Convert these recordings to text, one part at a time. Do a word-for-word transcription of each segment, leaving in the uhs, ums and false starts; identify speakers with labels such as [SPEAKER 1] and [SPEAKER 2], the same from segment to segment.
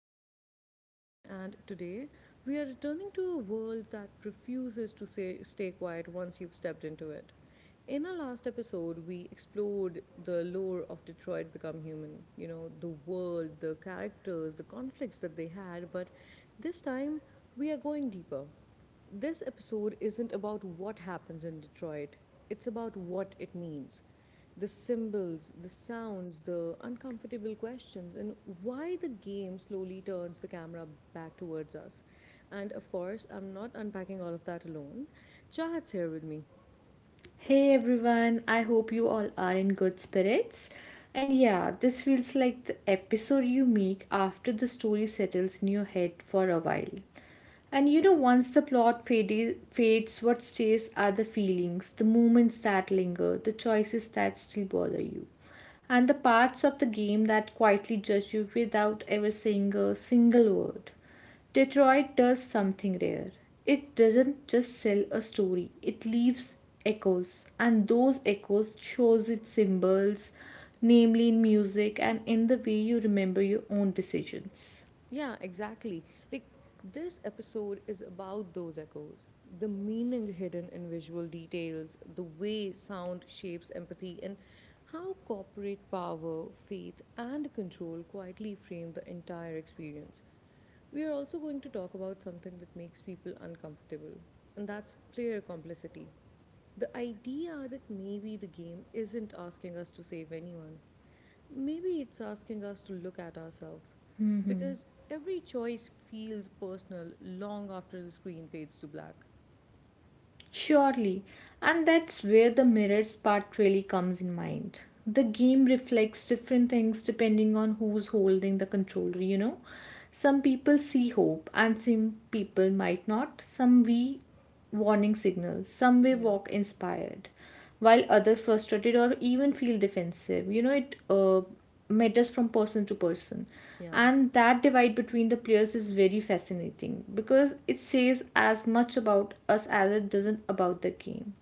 [SPEAKER 1] I'm your host Kiran, and today we are returning to a world that refuses to say, stay quiet once you've stepped into it. In our last episode, we explored the lore of Detroit Become Human, you know, the world, the characters, the conflicts that they had, but this time we are going deeper. This episode isn't about what happens in Detroit, it's about what it means. The symbols, the sounds, the uncomfortable questions, and why the game slowly turns the camera back towards us. And of course, I'm not unpacking all of that alone. Chahat's here with me.
[SPEAKER 2] Hey everyone, I hope you all are in good spirits. And yeah, this feels like the episode you make after the story settles in your head for a while. And you know, once the plot fade- fades, what stays are the feelings, the moments that linger, the choices that still bother you and the parts of the game that quietly judge you without ever saying a single word. Detroit does something rare. It doesn't just sell a story, it leaves echoes, and those echoes shows its symbols, namely in music and in the way you remember your own decisions.
[SPEAKER 1] Yeah, exactly. Like this episode is about those echoes, the meaning hidden in visual details, the way sound shapes empathy, and how corporate power, faith, and control quietly frame the entire experience. We are also going to talk about something that makes people uncomfortable, and that's player complicity. The idea that maybe the game isn't asking us to save anyone. Maybe it's asking us to look at ourselves because every choice feels personal long after the screen fades to black.
[SPEAKER 2] Surely, and that's where the mirrors part really comes in mind. The game reflects different things depending on who's holding the controller, you know. Some people see hope and some people might not. Some we warning signals, some we
[SPEAKER 1] Yeah,
[SPEAKER 2] walk inspired while others frustrated or even feel defensive you know it uh, matters from person to person,
[SPEAKER 1] yeah,
[SPEAKER 2] and that divide between the players is very fascinating because it says as much about us as it doesn't about the game.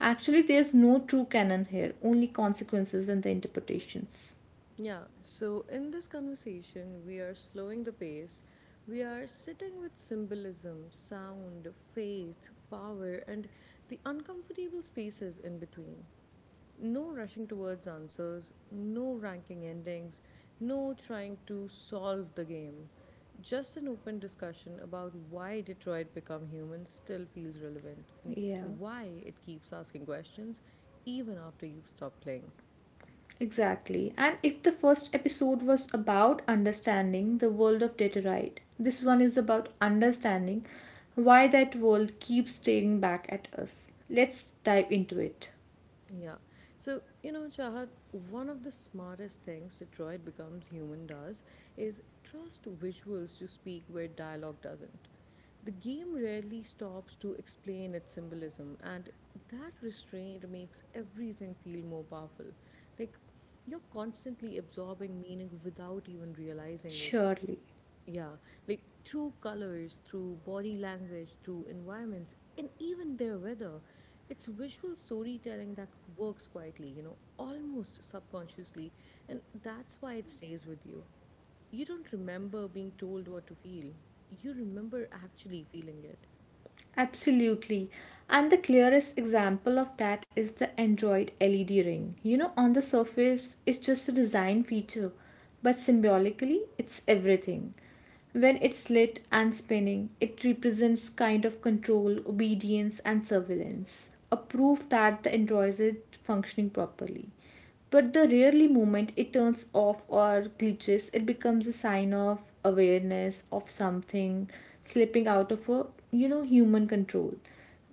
[SPEAKER 2] Actually, there's no true canon here, only consequences and the interpretations.
[SPEAKER 1] yeah. So, in this conversation, we are slowing the pace. We are sitting with symbolism, sound, faith, power, and the uncomfortable spaces in between. No rushing towards answers, no ranking endings, no trying to solve the game. Just an open discussion about why Detroit Become Human still feels relevant and
[SPEAKER 2] Yeah.
[SPEAKER 1] why it keeps asking questions even after you've stopped playing.
[SPEAKER 2] Exactly. And if the first episode was about understanding the world of Deterite, this one is about understanding why that world keeps staring back at us. Let's dive into it.
[SPEAKER 1] Yeah. So, you know, Chahat, one of the smartest things Detroit Becomes Human does is trust visuals to speak where dialogue doesn't. The game rarely stops to explain its symbolism, and that restraint makes everything feel more powerful. Like, you're constantly absorbing meaning without even realizing it.
[SPEAKER 2] Surely.
[SPEAKER 1] Yeah, like through colors, through body language, through environments, and even their weather. It's visual storytelling that works quietly, you know, almost subconsciously. And that's why it stays with you. You don't remember being told what to feel, you remember actually feeling it.
[SPEAKER 2] Absolutely. And the clearest example of that is the Android L E D ring. You know, on the surface, it's just a design feature, but symbolically, it's everything. When it's lit and spinning, it represents kind of control, obedience, and surveillance, a proof that the Android is functioning properly. But the rarely moment it turns off or glitches, it becomes a sign of awareness of something slipping out of a you know human control.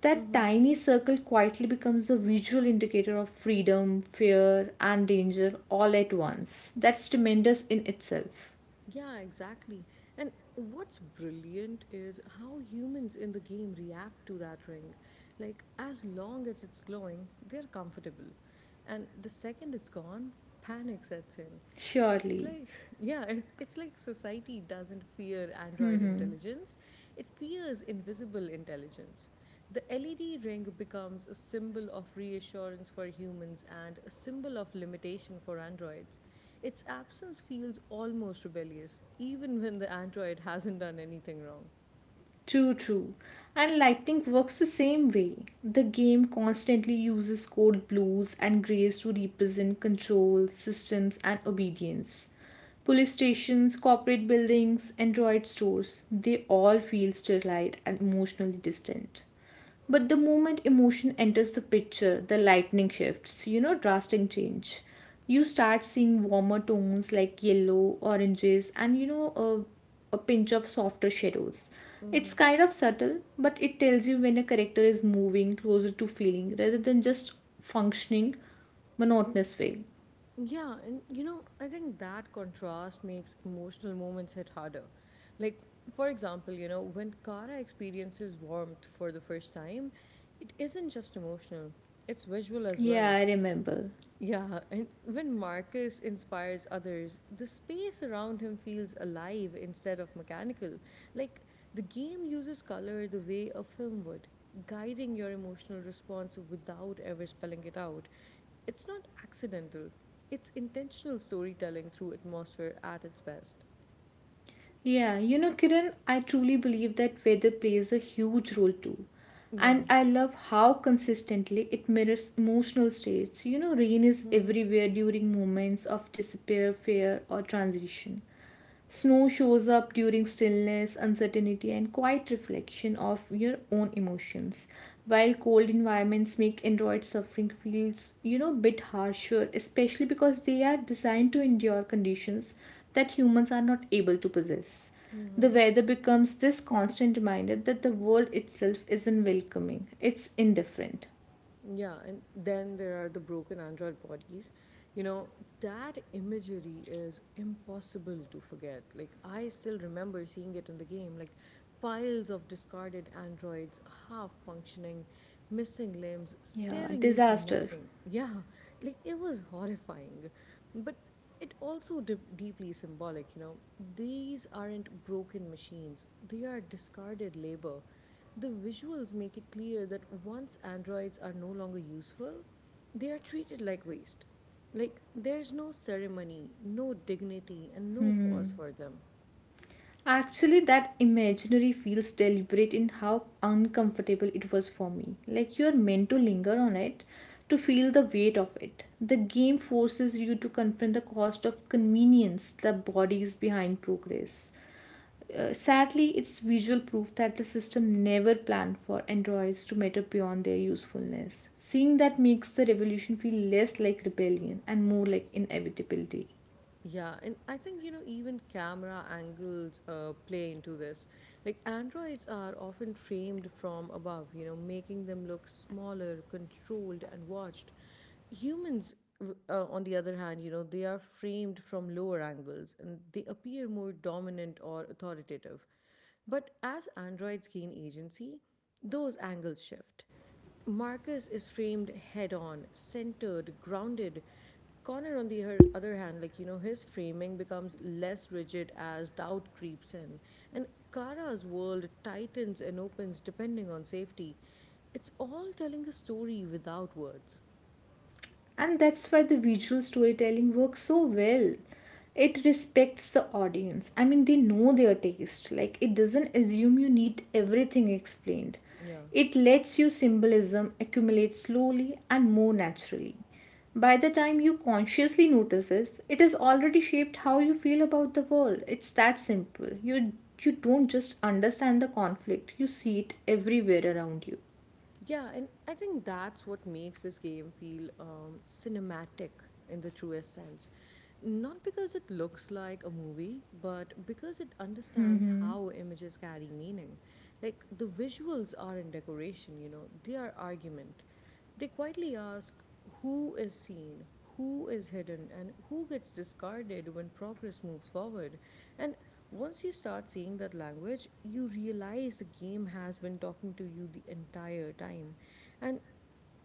[SPEAKER 2] That tiny circle quietly becomes a visual indicator of freedom, fear, and danger all at once. That's tremendous in itself.
[SPEAKER 1] Yeah, exactly. And what's brilliant is how humans in the game react to that ring. Like, as long as it's glowing, they're comfortable. And the second it's gone, panic sets in. It's
[SPEAKER 2] Surely.
[SPEAKER 1] like, yeah, it's, it's like society doesn't fear android
[SPEAKER 2] Mm-hmm.
[SPEAKER 1] intelligence, it fears invisible intelligence. The L E D ring becomes a symbol of reassurance for humans and a symbol of limitation for androids. Its absence feels almost rebellious, even when the android hasn't done anything wrong.
[SPEAKER 2] True, true. And lightning works the same way. The game constantly uses code blues and greys to represent control, systems, and obedience. Police stations, corporate buildings, Android stores, they all feel sterile and emotionally distant. But the moment emotion enters the picture, the lightning shifts, you know, drastic change. You start seeing warmer tones like yellow, oranges, and you know, a, a pinch of softer shadows. It's
[SPEAKER 1] Hmm.
[SPEAKER 2] kind of subtle, but it tells you when a character is moving closer to feeling rather than just functioning monotonous way.
[SPEAKER 1] Yeah, and you know, I think that contrast makes emotional moments hit harder. Like, for example, you know, when Kara experiences warmth for the first time, it isn't just emotional, it's visual as
[SPEAKER 2] Yeah,
[SPEAKER 1] well.
[SPEAKER 2] I remember.
[SPEAKER 1] Yeah, and when Marcus inspires others, the space around him feels alive instead of mechanical. Like the game uses color the way a film would, guiding your emotional response without ever spelling it out. It's not accidental, it's intentional storytelling through atmosphere at its best.
[SPEAKER 2] Yeah, you know, Kiran, I truly believe that weather plays a huge role too.
[SPEAKER 1] Yeah.
[SPEAKER 2] And I love how consistently it mirrors emotional states. You know, rain is
[SPEAKER 1] Mm-hmm.
[SPEAKER 2] everywhere during moments of despair, fear, or transition. Snow shows up during stillness, uncertainty, and quiet reflection of your own emotions. While cold environments make Android suffering feels, you know, bit harsher, especially because they are designed to endure conditions that humans are not able to possess. The weather becomes this constant reminder that the world itself isn't welcoming, it's indifferent.
[SPEAKER 1] Yeah, and then there are the broken Android bodies. You know, that imagery is impossible to forget. Like, I still remember seeing it in the game, like piles of discarded androids, half functioning, missing limbs,
[SPEAKER 2] Yeah,
[SPEAKER 1] staring into
[SPEAKER 2] disaster.
[SPEAKER 1] nothing. Yeah, like it was horrifying. But it also de- deeply symbolic, you know. These aren't broken machines, they are discarded labor. The visuals make it clear that once androids are no longer useful, they are treated like waste. Like, there's no ceremony, no dignity, and no
[SPEAKER 2] Hmm.
[SPEAKER 1] pause for them.
[SPEAKER 2] Actually, that imaginary feels deliberate in how uncomfortable it was for me. Like you're meant to linger on it to feel the weight of it. The game forces you to confront the cost of convenience, the bodies behind progress. Uh, sadly, it's visual proof that the system never planned for androids to matter beyond their usefulness. Seeing that makes the revolution feel less like rebellion and more like inevitability.
[SPEAKER 1] Yeah, and I think you know even camera angles uh, play into this. Like androids are often framed from above, you know, making them look smaller, controlled, and watched. Humans, w- uh, on the other hand, you know, they are framed from lower angles and they appear more dominant or authoritative. But as androids gain agency, those angles shift. Marcus is framed head on, centered, grounded. Connor, on the her- other hand, like, you know, his framing becomes less rigid as doubt creeps in. And Kara's world tightens and opens depending on safety. It's all telling a story without words.
[SPEAKER 2] And that's why the visual storytelling works so well. It respects the audience. I mean, they know their taste. Like, it doesn't assume you need everything explained.
[SPEAKER 1] Yeah.
[SPEAKER 2] It lets your symbolism accumulate slowly and more naturally. By the time you consciously notice this, it has already shaped how you feel about the world. It's that simple. You you don't just understand the conflict, you see it everywhere around you.
[SPEAKER 1] Yeah, and I think that's what makes this game feel um, cinematic in the truest sense. Not because it looks like a movie, but because it understands how images carry meaning. Like the visuals aren't decoration, you know, they are argument. They quietly ask who is seen, who is hidden, and who gets discarded when progress moves forward. And once you start seeing that language, you realize the game has been talking to you the entire time. And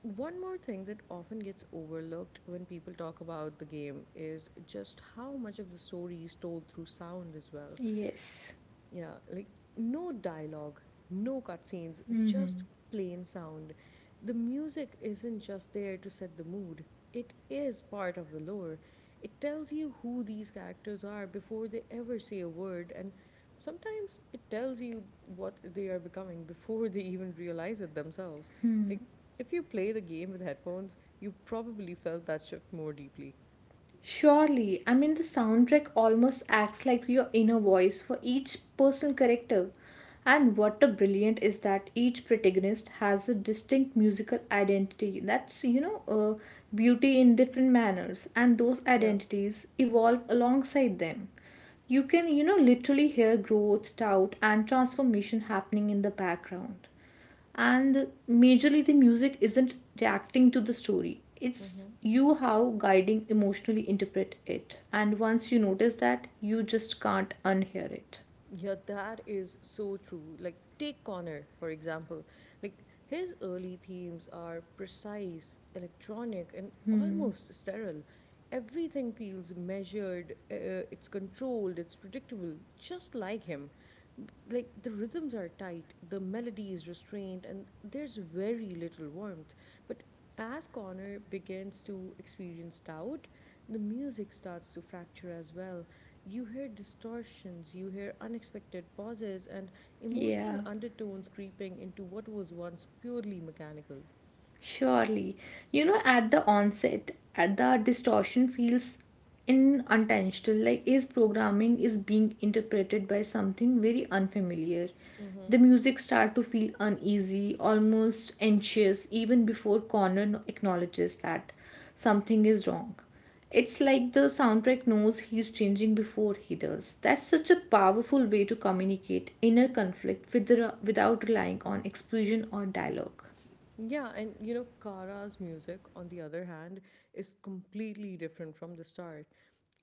[SPEAKER 1] one more thing that often gets overlooked when people talk about the game is just how much of the story is told through sound as well.
[SPEAKER 2] Yes.
[SPEAKER 1] Yeah, like no dialogue, no cutscenes, just
[SPEAKER 2] Mhm.
[SPEAKER 1] plain sound. The music isn't just there to set the mood, it is part of the lore. It tells you who these characters are before they ever say a word, and sometimes it tells you what they are becoming before they even realize it themselves. Like, if you play the game with headphones, you probably felt that shift more deeply.
[SPEAKER 2] Surely, I mean, the soundtrack almost acts like your inner voice for each personal character. And what a brilliant is that each protagonist has a distinct musical identity. That's, you know, uh, Beauty in different manners, and those
[SPEAKER 1] Yeah.
[SPEAKER 2] identities evolve alongside them. You can, you know, literally hear growth, doubt, and transformation happening in the background. And majorly the music isn't reacting to the story, it's
[SPEAKER 1] Mm-hmm.
[SPEAKER 2] you how guiding emotionally interpret it. And once you notice that, you just can't unhear it.
[SPEAKER 1] Yeah, that is so true. Like, take Connor, for example. Like, his early themes are precise, electronic, and
[SPEAKER 2] Hmm.
[SPEAKER 1] almost sterile. Everything feels measured, uh, it's controlled, it's predictable, just like him. B- Like, the rhythms are tight, the melody is restrained, and there's very little warmth. But as Connor begins to experience doubt, the music starts to fracture as well. You hear distortions, you hear unexpected pauses, and emotional
[SPEAKER 2] Yeah.
[SPEAKER 1] undertones creeping into what was once purely mechanical.
[SPEAKER 2] Surely. You know, at the onset, at the distortion feels in unintentional, like his programming is being interpreted by something very unfamiliar. The
[SPEAKER 1] Mm-hmm.
[SPEAKER 2] music start to feel uneasy, almost anxious, even before Connor acknowledges that something is wrong. It's like the soundtrack knows he's changing before he does. That's such a powerful way to communicate inner conflict with, without relying on explosion or dialogue.
[SPEAKER 1] Yeah, and you know, Kara's music, on the other hand, is completely different from the start.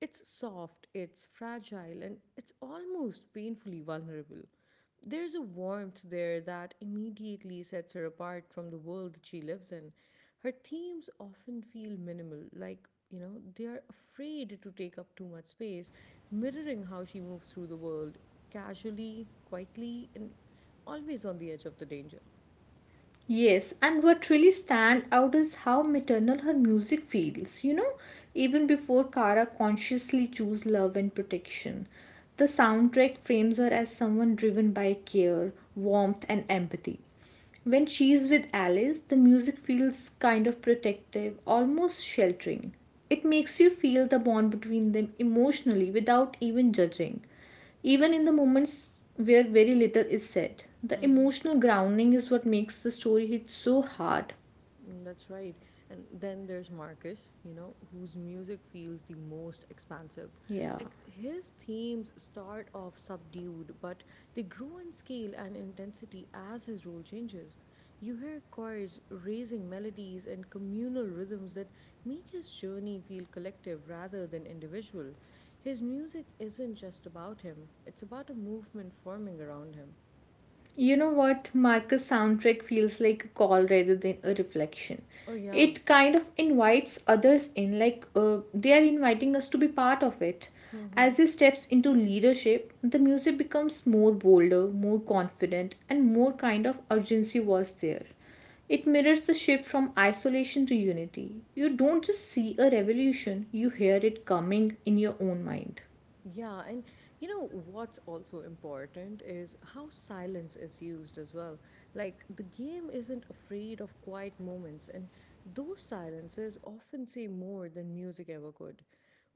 [SPEAKER 1] It's soft, it's fragile, and it's almost painfully vulnerable. There's a warmth there that immediately sets her apart from the world that she lives in. Her themes often feel minimal, like, you know, they are afraid to take up too much space, mirroring how she moves through the world casually, quietly, and always on the edge of the danger.
[SPEAKER 2] Yes, and what really stand out is how maternal her music feels, you know, even before Kara consciously choose love and protection. The soundtrack frames her as someone driven by care, warmth and empathy. When she's with Alice, the music feels kind of protective, almost sheltering. It makes you feel the bond between them emotionally without even judging. Even in the moments where very little is said, the emotional grounding is what makes the story hit so hard.
[SPEAKER 1] Mm, that's right. And then there's Marcus, you know, whose music feels the most expansive.
[SPEAKER 2] Yeah.
[SPEAKER 1] Like his themes start off subdued, but they grow in scale and intensity as his role changes. You hear choirs raising melodies and communal rhythms that make his journey feel collective rather than individual. His music isn't just about him, it's about a movement forming around him.
[SPEAKER 2] You know what? Marcus' soundtrack feels like a call rather than a reflection.
[SPEAKER 1] Oh, yeah.
[SPEAKER 2] It kind of invites others in, like uh, they are inviting us to be part of it. As he steps into leadership, the music becomes more bolder, more confident, and more kind of urgency was there. It mirrors the shift from isolation to unity. You don't just see a revolution, you hear it coming in your own mind.
[SPEAKER 1] Yeah, and you know what's also important is how silence is used as well. Like the game isn't afraid of quiet moments, and those silences often say more than music ever could.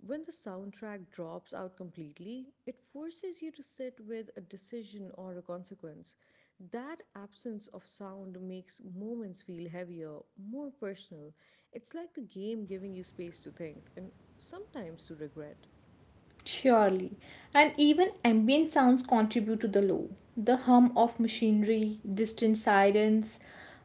[SPEAKER 1] When the soundtrack drops out completely, it forces you to sit with a decision or a consequence. That absence of sound makes moments feel heavier, more personal. It's like the game giving you space to think and sometimes to regret.
[SPEAKER 2] Surely. And even ambient sounds contribute to the low. The hum of machinery, distant sirens,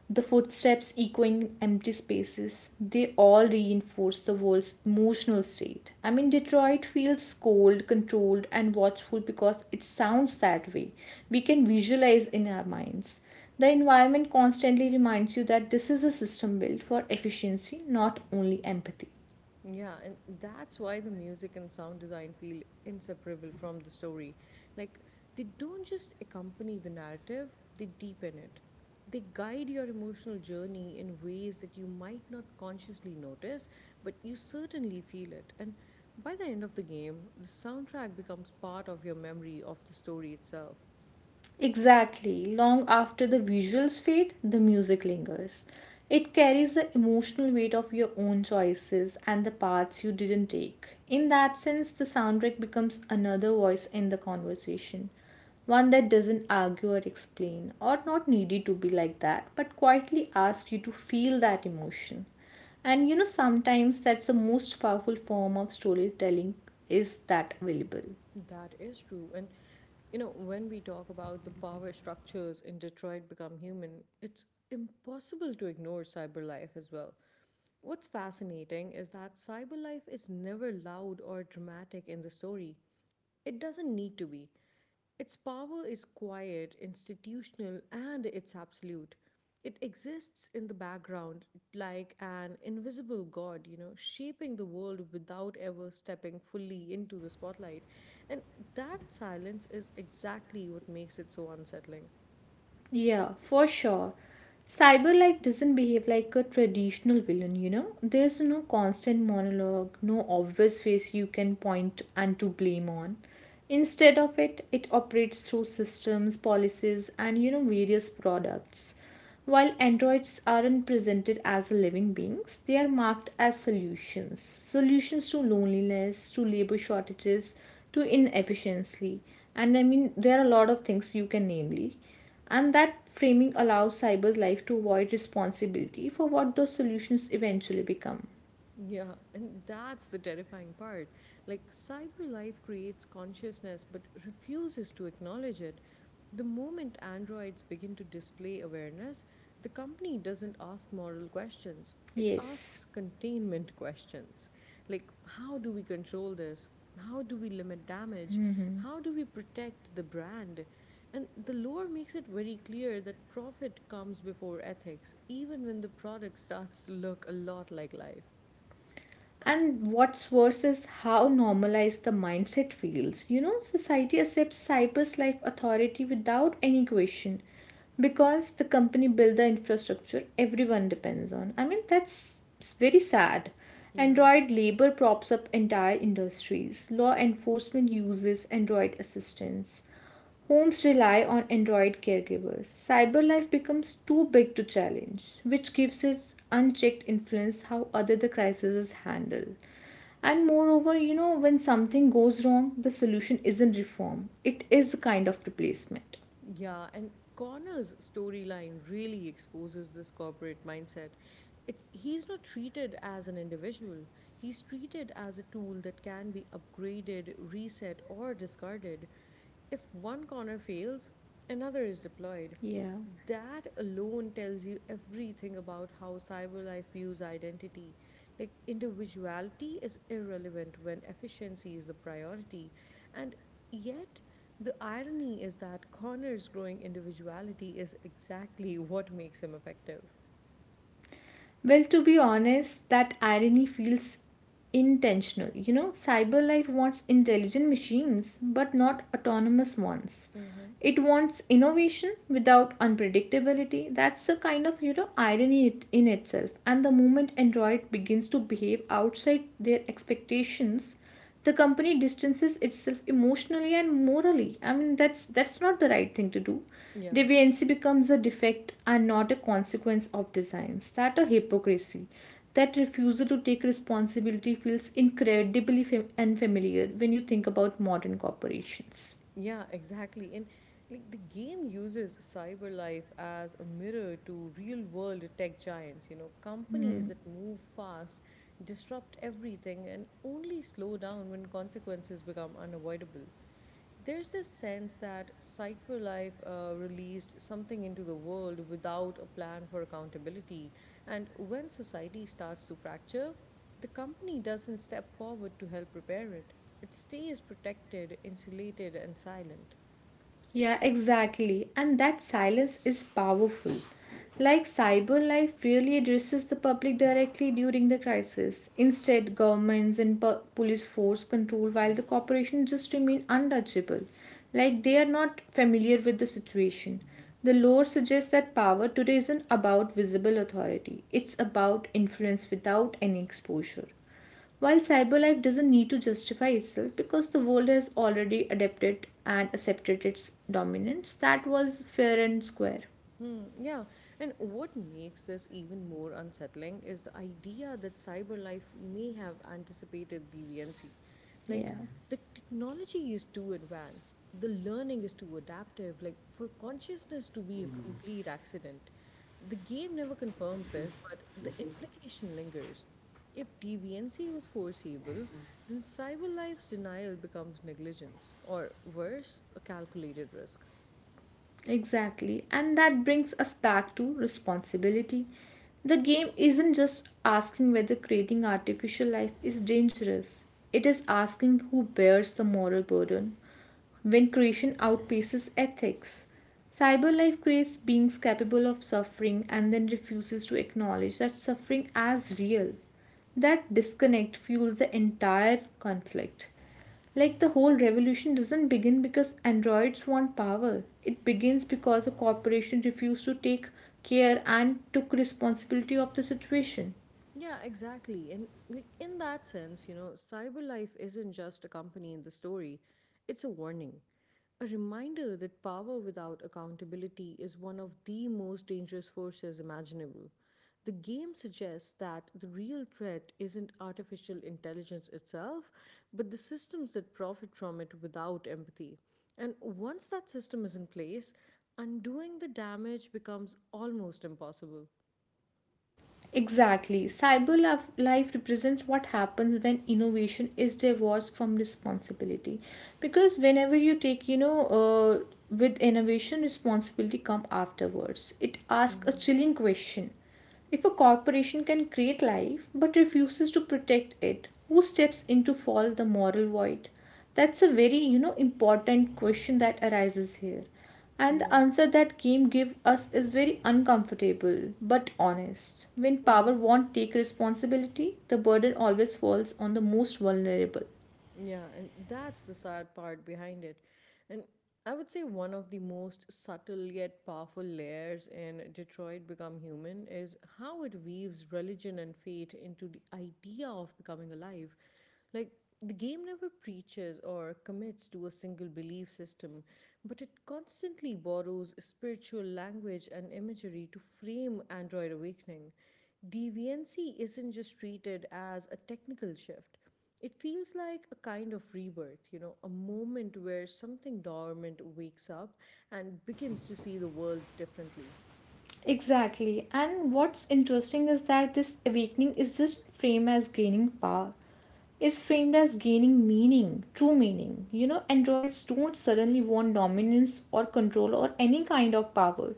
[SPEAKER 2] the footsteps echoing empty spaces, they all reinforce the world's emotional state. I mean, Detroit feels cold, controlled, and watchful because it sounds that way. We can visualize in our minds. The environment constantly reminds you that this is a system built for efficiency, not only empathy.
[SPEAKER 1] Yeah, and that's why the music and sound design feel inseparable from the story. Like, they don't just accompany the narrative, they deepen it. They guide your emotional journey in ways that you might not consciously notice, but you certainly feel it. And by the end of the game, the soundtrack becomes part of your memory of the story itself.
[SPEAKER 2] Exactly. Long after the visuals fade, the music lingers. It carries the emotional weight of your own choices and the paths you didn't take. In that sense, the soundtrack becomes another voice in the conversation, one that doesn't argue or explain, or not needed to be like that, but quietly asks you to feel that emotion. And you know, sometimes that's the most powerful form of storytelling is that available.
[SPEAKER 1] That is true. And you know, when we talk about the power structures in Detroit Become Human, it's impossible to ignore cyber life as well. What's fascinating is that cyber life is never loud or dramatic in the story. It doesn't need to be. Its power is quiet, institutional, and it's absolute. It exists in the background like an invisible god, you know, shaping the world without ever stepping fully into the spotlight. And that silence is exactly what makes it so unsettling.
[SPEAKER 2] Yeah, for sure. Cyberlight doesn't behave like a traditional villain, you know? There's no constant monologue, no obvious face you can point and to blame on. Instead of it, it operates through systems, policies, and you know, various products. While androids aren't presented as living beings, they are marked as solutions. Solutions to loneliness, to labor shortages, to inefficiency. And I mean, there are a lot of things you can namely. And that framing allows cyber's life to avoid responsibility for what those solutions eventually become.
[SPEAKER 1] Yeah, and that's the terrifying part. Like, cyber life creates consciousness but refuses to acknowledge it. The moment androids begin to display awareness, the company doesn't ask moral questions, it
[SPEAKER 2] Yes.
[SPEAKER 1] asks containment questions. Like, how do we control this? How do we limit damage?
[SPEAKER 2] Mhm.
[SPEAKER 1] How do we protect the brand? And the lore makes it very clear that profit comes before ethics, even when the product starts to look a lot like life.
[SPEAKER 2] And what's worse is how normalized the mindset feels. You know, society accepts cyber's life authority without any question because the company build the infrastructure everyone depends on. I mean, that's s- very sad.
[SPEAKER 1] Yeah,
[SPEAKER 2] Android labor props up entire industries. Law enforcement uses Android assistance. Homes rely on Android caregivers. Cyber life becomes too big to challenge, which gives its unchecked influence how other the crisis is handled. And moreover, you know, when something goes wrong, the solution isn't reform, it is a kind of replacement.
[SPEAKER 1] yeah, and Connor's storyline really exposes this corporate mindset. It's he's not treated as an individual. He's treated as a tool that can be upgraded, reset, or discarded. If one Connor fails, another is deployed.
[SPEAKER 2] Yeah.
[SPEAKER 1] That alone tells you everything about how CyberLife views identity. Like individuality is irrelevant when efficiency is the priority. And yet the irony is that Connor's growing individuality is exactly what makes him effective.
[SPEAKER 2] Well, to be honest, that irony feels intentional. You know, cyber life wants intelligent machines, but not autonomous ones.
[SPEAKER 1] Mm-hmm.
[SPEAKER 2] It wants innovation without unpredictability. That's a kind of you know irony it- in itself. And the moment Android begins to behave outside their expectations, the company distances itself emotionally and morally. I mean that's that's not the right thing to do.
[SPEAKER 1] Yeah.
[SPEAKER 2] Deviancy becomes a defect and not a consequence of designs. That a hypocrisy. That refusal to take responsibility feels incredibly fam- unfamiliar when you think about modern corporations.
[SPEAKER 1] Yeah, exactly. And like the game uses cyber life as a mirror to real world tech giants, you know, companies
[SPEAKER 2] Hmm.
[SPEAKER 1] that move fast, disrupt everything, and only slow down when consequences become unavoidable. There's this sense that Cypher Life uh, released something into the world without a plan for accountability. And when society starts to fracture, the company doesn't step forward to help repair it. It stays protected, insulated, and silent.
[SPEAKER 2] Yeah, exactly. And that silence is powerful. Like cyber life really addresses the public directly during the crisis. Instead, governments and pu- police force control while the corporations just remain untouchable. Like they are not familiar with the situation. The lore suggests that power today isn't about visible authority, it's about influence without any exposure. While cyberlife doesn't need to justify itself because the world has already adapted and accepted its dominance, that was fair and square.
[SPEAKER 1] Hmm, yeah. And what makes this even more unsettling is the idea that CyberLife may have anticipated deviancy.
[SPEAKER 2] Yeah,
[SPEAKER 1] Like, the technology is too advanced, the learning is too adaptive, like, for consciousness to be a complete accident. The game never confirms this, but the implication lingers. If deviancy was foreseeable, then CyberLife's denial becomes negligence, or worse, a calculated risk.
[SPEAKER 2] exactly. And that brings us back to responsibility. The game isn't just asking whether creating artificial life is dangerous, it is asking who bears the moral burden when creation outpaces ethics. Cyberlife creates beings capable of suffering and then refuses to acknowledge that suffering as real. That disconnect fuels the entire conflict. Like the whole revolution doesn't begin because androids want power. It begins because a corporation refused to take care and took responsibility of the situation.
[SPEAKER 1] Yeah, exactly. And like in that sense, you know, Cyberlife isn't just a company in the story, it's a warning. A reminder that power without accountability is one of the most dangerous forces imaginable. The game suggests that the real threat isn't artificial intelligence itself, but the systems that profit from it without empathy. And once that system is in place, undoing the damage becomes almost impossible.
[SPEAKER 2] Exactly. Cyber laf- life represents what happens when innovation is divorced from responsibility. Because whenever you take, you know, uh, with innovation, responsibility come afterwards. It asks a
[SPEAKER 1] Mm-hmm.
[SPEAKER 2] chilling question. If a corporation can create life but refuses to protect it, who steps in to fill the moral void? That's a very, you know, important question that arises here, and the
[SPEAKER 1] Yeah.
[SPEAKER 2] answer that game give us is very uncomfortable but honest. When power won't take responsibility, the burden always falls on the most vulnerable.
[SPEAKER 1] Yeah, and that's the sad part behind it. And I would say one of the most subtle yet powerful layers in Detroit Become Human is how it weaves religion and fate into the idea of becoming alive. Like, the game never preaches or commits to a single belief system, but it constantly borrows spiritual language and imagery to frame Android Awakening. Deviancy isn't just treated as a technical shift. It feels like a kind of rebirth, you know, a moment where something dormant wakes up and begins to see the world differently.
[SPEAKER 2] Exactly. And what's interesting is that this awakening is just framed as gaining power. Is framed as gaining meaning, true meaning. You know, androids don't suddenly want dominance or control or any kind of power.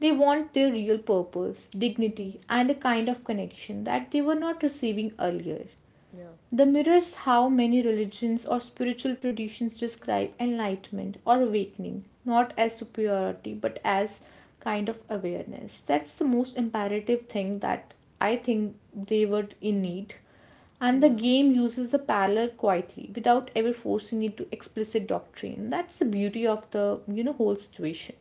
[SPEAKER 2] They want their real purpose, dignity,
[SPEAKER 1] Hmm.
[SPEAKER 2] and a kind of connection that they were not receiving earlier.
[SPEAKER 1] Yeah.
[SPEAKER 2] The mirrors how many religions or spiritual traditions describe enlightenment or awakening, not as superiority but as kind of awareness. That's the most imperative thing that I think they were in
[SPEAKER 1] Hmm.
[SPEAKER 2] need. And the
[SPEAKER 1] Yeah.
[SPEAKER 2] game uses the parallel quietly without ever forcing it to explicit doctrine. That's the beauty of the you know whole situation.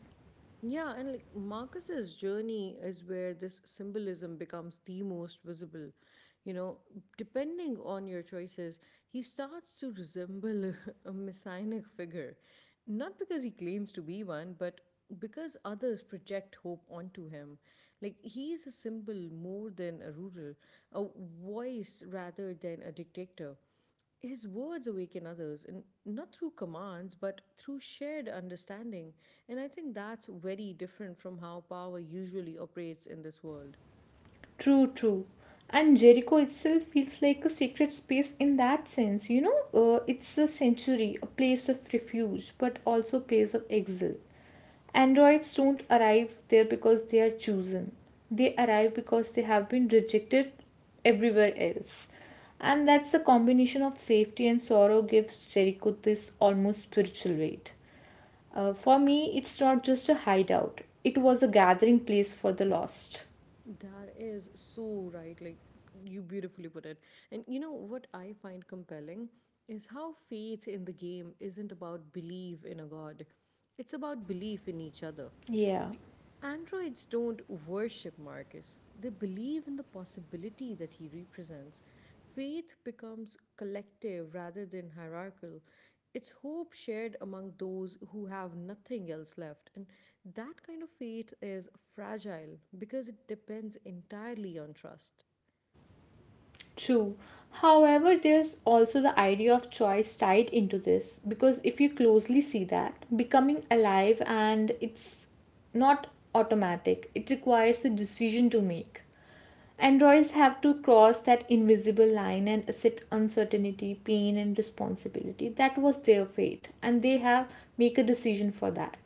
[SPEAKER 1] Yeah, and like Marcus's journey is where this symbolism becomes the most visible. You know, depending on your choices, he starts to resemble a, a messianic figure. Not because he claims to be one, but because others project hope onto him. Like, he is a symbol more than a ruler, a voice rather than a dictator. His words awaken others, and not through commands, but through shared understanding. And I think that's very different from how power usually operates in this world.
[SPEAKER 2] True, true. And Jericho itself feels like a sacred space in that sense. You know, uh, it's a sanctuary, a place of refuge, but also a place of exile. Androids don't arrive there because they are chosen. They arrive because they have been rejected everywhere else. And that's the combination of safety and sorrow gives Jericho this almost spiritual weight. Uh, for me, it's not just a hideout, it was a gathering place for the lost.
[SPEAKER 1] That is so right. Like, you beautifully put it. And you know what I find compelling is how faith in the game isn't about belief in a god, it's about belief in each other.
[SPEAKER 2] Yeah.
[SPEAKER 1] Like, androids don't worship Marcus, they believe in the possibility that he represents. Faith becomes collective rather than hierarchical. It's hope shared among those who have nothing else left. And that kind of faith is fragile because it depends entirely on trust.
[SPEAKER 2] True. However, there's also the idea of choice tied into this because if you closely see that, becoming alive and it's not automatic, it requires a decision to make. Androids have to cross that invisible line and accept uncertainty, pain, and responsibility. That was their fate, and they have make a decision for that,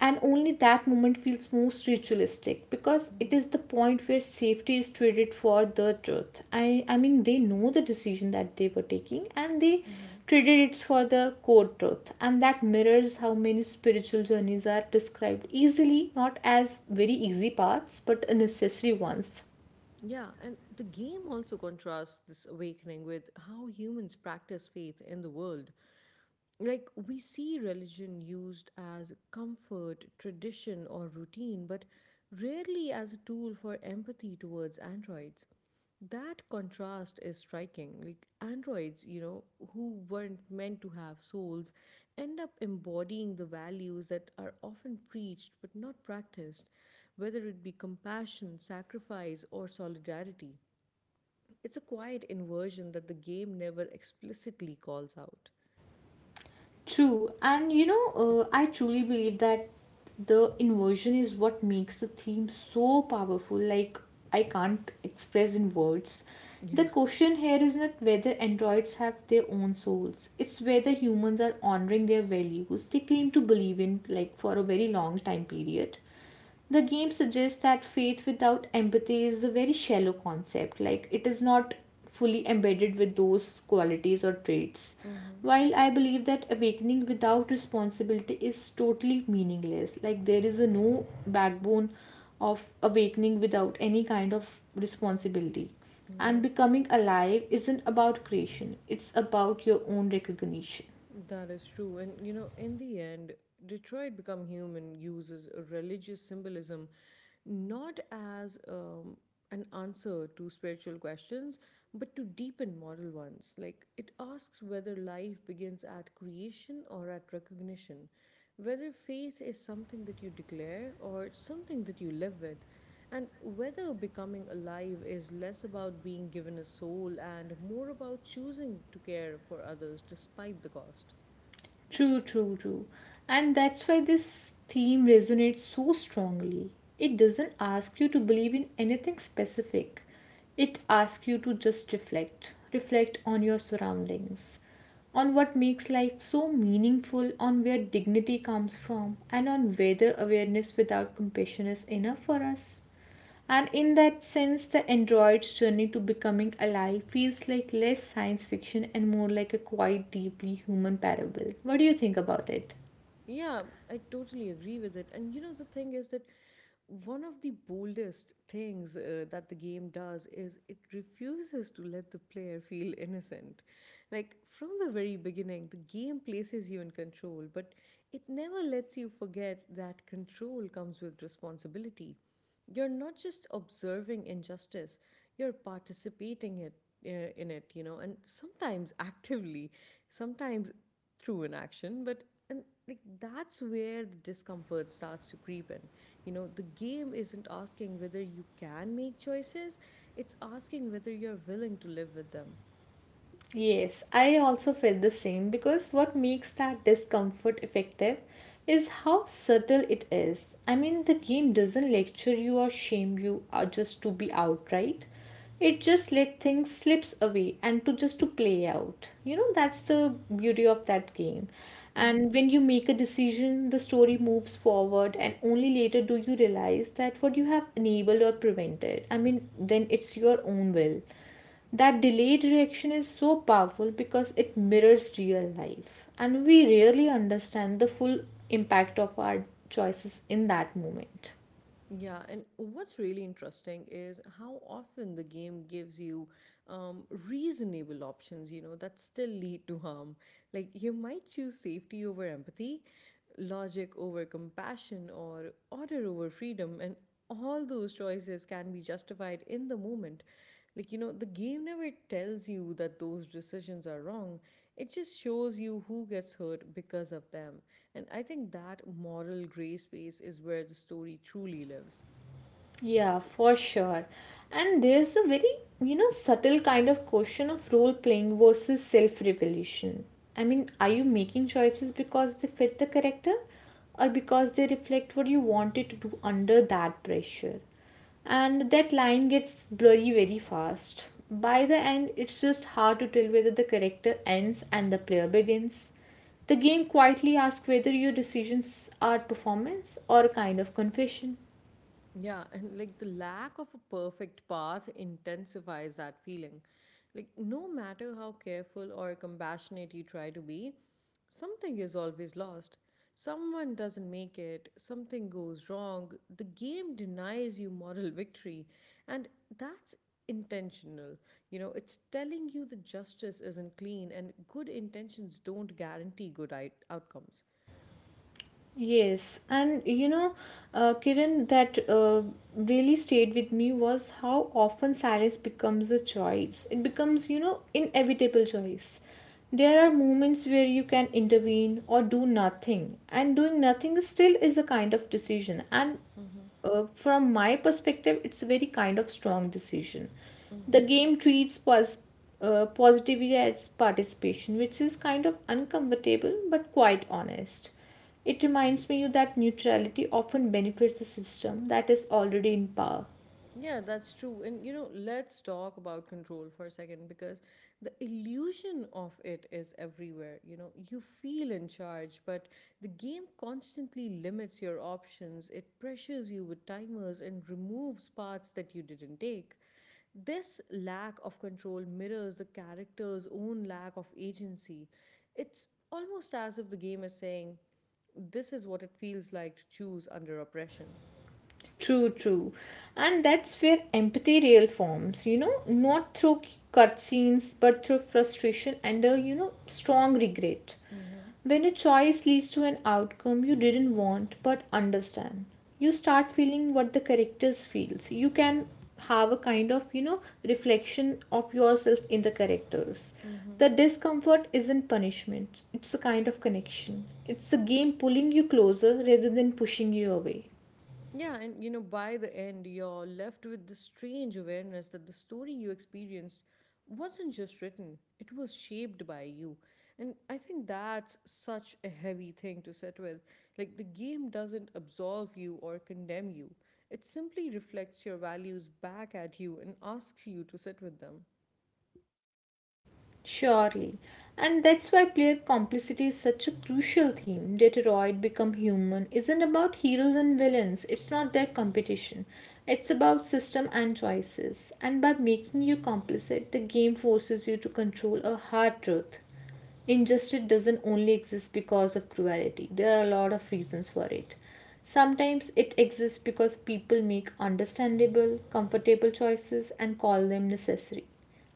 [SPEAKER 2] and only that moment feels most ritualistic because it
[SPEAKER 1] Mm-hmm.
[SPEAKER 2] is the point where safety is traded for the truth. I i mean, they know the decision that they were taking, and they
[SPEAKER 1] Mm-hmm.
[SPEAKER 2] traded it for the core truth. And that mirrors how many spiritual journeys are described easily, not as very easy paths but necessary ones.
[SPEAKER 1] Yeah, and the game also contrasts this awakening with how humans practice faith in the world. Like we see religion used as comfort, tradition, or routine, but rarely as a tool for empathy towards androids. That contrast is striking. Like androids, you know, who weren't meant to have souls, end up embodying the values that are often preached but not practiced, whether it be compassion, sacrifice, or solidarity. It's a quiet inversion that the game never explicitly calls out.
[SPEAKER 2] True, and you know, uh, I truly believe that the inversion is what makes the theme so powerful. Like, I can't express in words. The
[SPEAKER 1] Yeah.
[SPEAKER 2] question here is not whether androids have their own souls, it's whether humans are honoring their values they claim to believe in, like, for a very long time period. The game suggests that faith without empathy is a very shallow concept, like it is not fully embedded with those qualities or traits,
[SPEAKER 1] Mm-hmm.
[SPEAKER 2] while I believe that awakening without responsibility is totally meaningless. Like there is a no backbone of awakening without any kind of responsibility. And
[SPEAKER 1] Mm-hmm.
[SPEAKER 2] becoming alive isn't about creation, it's about your own recognition.
[SPEAKER 1] That is true. And you know, in the end, Detroit Become Human uses religious symbolism not as um, an answer to spiritual questions, but to deepen moral ones. Like it asks whether life begins at creation or at recognition, whether faith is something that you declare or something that you live with. And whether becoming alive is less about being given a soul and more about choosing to care for others despite the cost.
[SPEAKER 2] True, true, true. And that's why this theme resonates so strongly. It doesn't ask you to believe in anything specific, it asks you to just reflect. Reflect on your surroundings, on what makes life so meaningful, on where dignity comes from, and on whether awareness without compassion is enough for us. And in that sense, the android's journey to becoming alive feels like less science fiction and more like a quite deeply human parable. What do you think about it?
[SPEAKER 1] Yeah, I totally agree with it. And you know, the thing is that one of the boldest things uh, that the game does is it refuses to let the player feel innocent. Like from the very beginning, the game places you in control, but it never lets you forget that control comes with responsibility. You're not just observing injustice, you're participating it uh, in it, you know, and sometimes actively, sometimes through inaction, but and like that's where the discomfort starts to creep in. You know, the game isn't asking whether you can make choices, it's asking whether you're willing to live with them.
[SPEAKER 2] Yes, I also felt the same because what makes that discomfort effective is how subtle it is. I mean, the game doesn't lecture you or shame you or just to be outright. It just let things slips away and to just to play out. You know, that's the beauty of that game.
[SPEAKER 1] Hmm.
[SPEAKER 2] And when you make a decision, the story moves forward and only later do you realize that what you have enabled or prevented. I mean, then it's your own will. That delayed reaction is so powerful because it mirrors real life, and we rarely understand the full impact of our choices in that moment.
[SPEAKER 1] Yeah, and what's really interesting is how often the game gives you um, reasonable options, you know, that still lead to harm. Like you might choose safety over empathy, logic over compassion, or order over freedom, and all those choices can be justified in the moment. Like, you know, the game never tells you that those decisions are wrong. It just shows you who gets hurt because of them. And I think that moral gray space is where the story truly lives.
[SPEAKER 2] Yeah, for sure. And there's a very, you know, subtle kind of question of role playing versus self revelation. I mean, are you making choices because they fit the character or because they reflect what you wanted to do under that pressure? And that line gets blurry very fast. By the end, it's just hard to tell whether the character ends and the player begins. The game quietly asks whether your decisions are performance or a kind of confession.
[SPEAKER 1] Yeah, and like the lack of a perfect path intensifies that feeling. Like, no matter how careful or compassionate you try to be, something is always lost. Someone doesn't make it, something goes wrong, the game denies you moral victory, and that's intentional. You know, it's telling you the justice isn't clean, and good intentions don't guarantee good I- outcomes.
[SPEAKER 2] Yes, and you know, uh, Kiran, that uh, really stayed with me was how often silence becomes a choice. It becomes, you know, inevitable choice. There are moments where you can intervene or do nothing, and doing nothing still is a kind of decision. And
[SPEAKER 1] Mm-hmm.
[SPEAKER 2] uh, from my perspective, it's a very kind of strong decision. The
[SPEAKER 1] Mm-hmm.
[SPEAKER 2] game treats pos- uh, positivity as participation, which is kind of uncomfortable but quite honest. It reminds me that neutrality often benefits the system that is already in power.
[SPEAKER 1] Yeah, that's true. And you know, let's talk about control for a second because the illusion of it is everywhere. You know, you feel in charge, but the game constantly limits your options. It pressures you with timers and removes paths that you didn't take. This lack of control mirrors the character's own lack of agency. It's almost as if the game is saying, this is what it feels like to choose under oppression.
[SPEAKER 2] True, true. And that's where empathy real forms, you know, not through cutscenes, but through frustration and a, you know, strong regret.
[SPEAKER 1] Mm-hmm.
[SPEAKER 2] When a choice leads to an outcome you didn't want but understand, you start feeling what the characters feels. You can have a kind of, you know, reflection of yourself in the characters. The discomfort isn't punishment. It's a kind of connection. It's the game pulling you closer rather than pushing you away.
[SPEAKER 1] Yeah, and you know, by the end, you're left with the strange awareness that the story you experienced wasn't just written, it was shaped by you. And I think that's such a heavy thing to sit with. Like, the game doesn't absolve you or condemn you, it simply reflects your values back at you and asks you to sit with them.
[SPEAKER 2] Surely. And that's why player complicity is such a crucial theme. Detroit Become Human isn't about heroes and villains, it's not their competition. It's about system and choices. And by making you complicit, the game forces you to control a hard truth. Injustice doesn't only exist because of cruelty, there are a lot of reasons for it. Sometimes it exists because people make understandable, comfortable choices and call them necessary.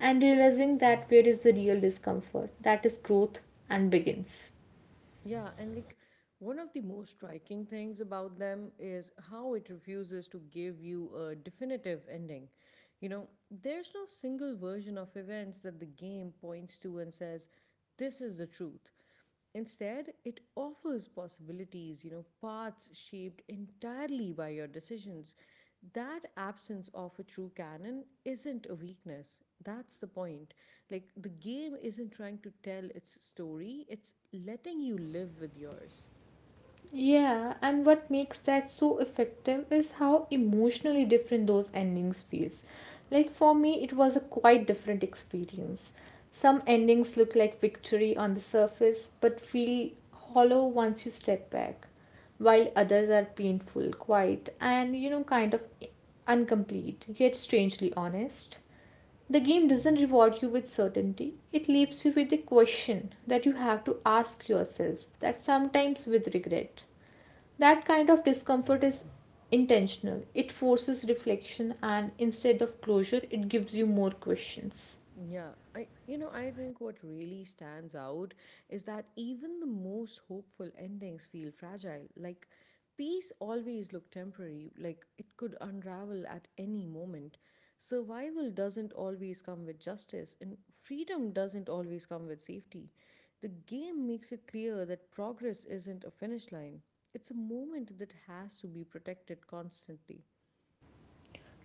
[SPEAKER 2] And realizing that where is the real discomfort, that is growth and begins.
[SPEAKER 1] Yeah, and like one of the most striking things about them is how it refuses to give you a definitive ending. You know, there's no single version of events that the game points to and says, this is the truth. Instead, it offers possibilities, you know, paths shaped entirely by your decisions. That absence of a true canon isn't a weakness. That's the point. Like, the game isn't trying to tell its story, it's letting you live with yours.
[SPEAKER 2] Yeah, and what makes that so effective is how emotionally different those endings feels. Like for me, it was a quite different experience. Some endings look like victory on the surface but feel hollow once you step back, while others are painful, quiet, and you know kind of incomplete, yet strangely honest. The game doesn't reward you with certainty. It leaves you with a question that you have to ask yourself, that sometimes with regret. That kind of discomfort is intentional. It forces reflection, and instead of closure, it gives you more questions.
[SPEAKER 1] Yeah, I, you know, I think what really stands out is that even the most hopeful endings feel fragile. Like peace always look temporary, like it could unravel at any moment. Survival doesn't always come with justice, and freedom doesn't always come with safety. The game makes it clear that progress isn't a finish line. It's a moment that has to be protected constantly.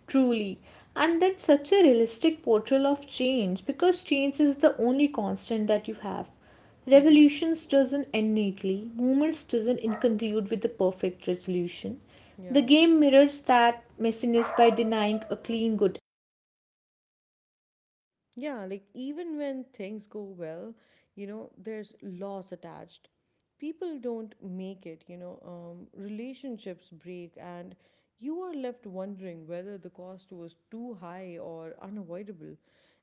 [SPEAKER 2] Truly. And that's such a realistic portrayal of change because change is the only constant that you have.
[SPEAKER 1] Mm-hmm.
[SPEAKER 2] Revolutions doesn't end neatly, movements doesn't conclude with a perfect resolution. The
[SPEAKER 1] Yeah.
[SPEAKER 2] game mirrors that messiness by denying a clean good.
[SPEAKER 1] Yeah, like even when things go well, you know, there's loss attached. People don't make it, you know, um, relationships break, and you are left wondering whether the cost was too high or unavoidable.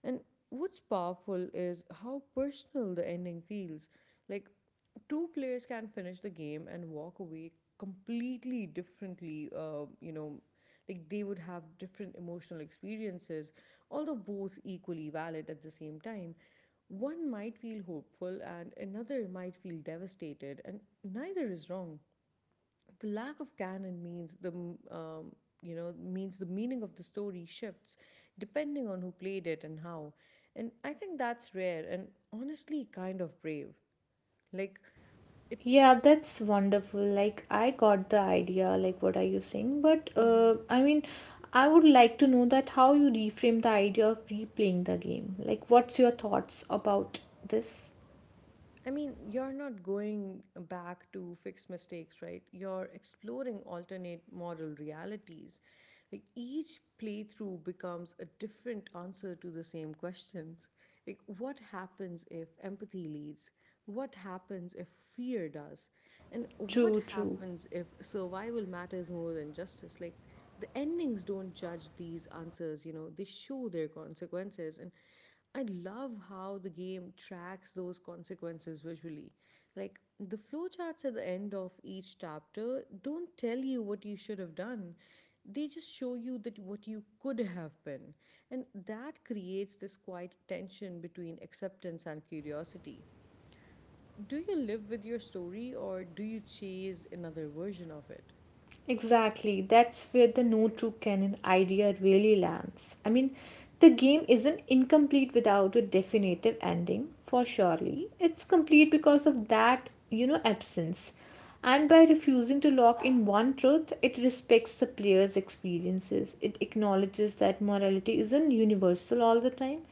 [SPEAKER 1] And what's powerful is how personal the ending feels. Like, two players can finish the game and walk away completely differently, uh, you know, like they would have different emotional experiences, although both equally valid at the same time. One might feel hopeful and another might feel devastated, and neither is wrong. The lack of canon means the um, you know means the meaning of the story shifts depending on who played it and how. And I think that's rare and honestly kind of brave. Like it.
[SPEAKER 2] Yeah, that's wonderful. Like, I got the idea, like, what are you saying? But,
[SPEAKER 1] Mm-hmm.
[SPEAKER 2] uh, I mean, I would like to know that how you reframe the idea of replaying the game. Like, what's your thoughts about this?
[SPEAKER 1] I mean, you're not going back to fixed mistakes, right? You're exploring alternate model realities. Like each playthrough becomes a different answer to the same questions. Like, what happens if empathy leads? What happens if fear does? And what
[SPEAKER 2] True, true.
[SPEAKER 1] happens if survival matters more than justice? Like, the endings don't judge these answers, you know, they show their consequences. And I love how the game tracks those consequences visually. Like, the flowcharts at the end of each chapter don't tell you what you should have done. They just show you that what you could have been. And that creates this quiet tension between acceptance and curiosity. Do you live with your story or do you chase another version of it?
[SPEAKER 2] Exactly, that's where the no true canon idea really lands. I mean, the game isn't incomplete without a definitive ending, for surely. It's complete because of that, you know, absence. And by refusing to lock in one truth, it respects the player's experiences. It acknowledges that morality isn't universal all the time,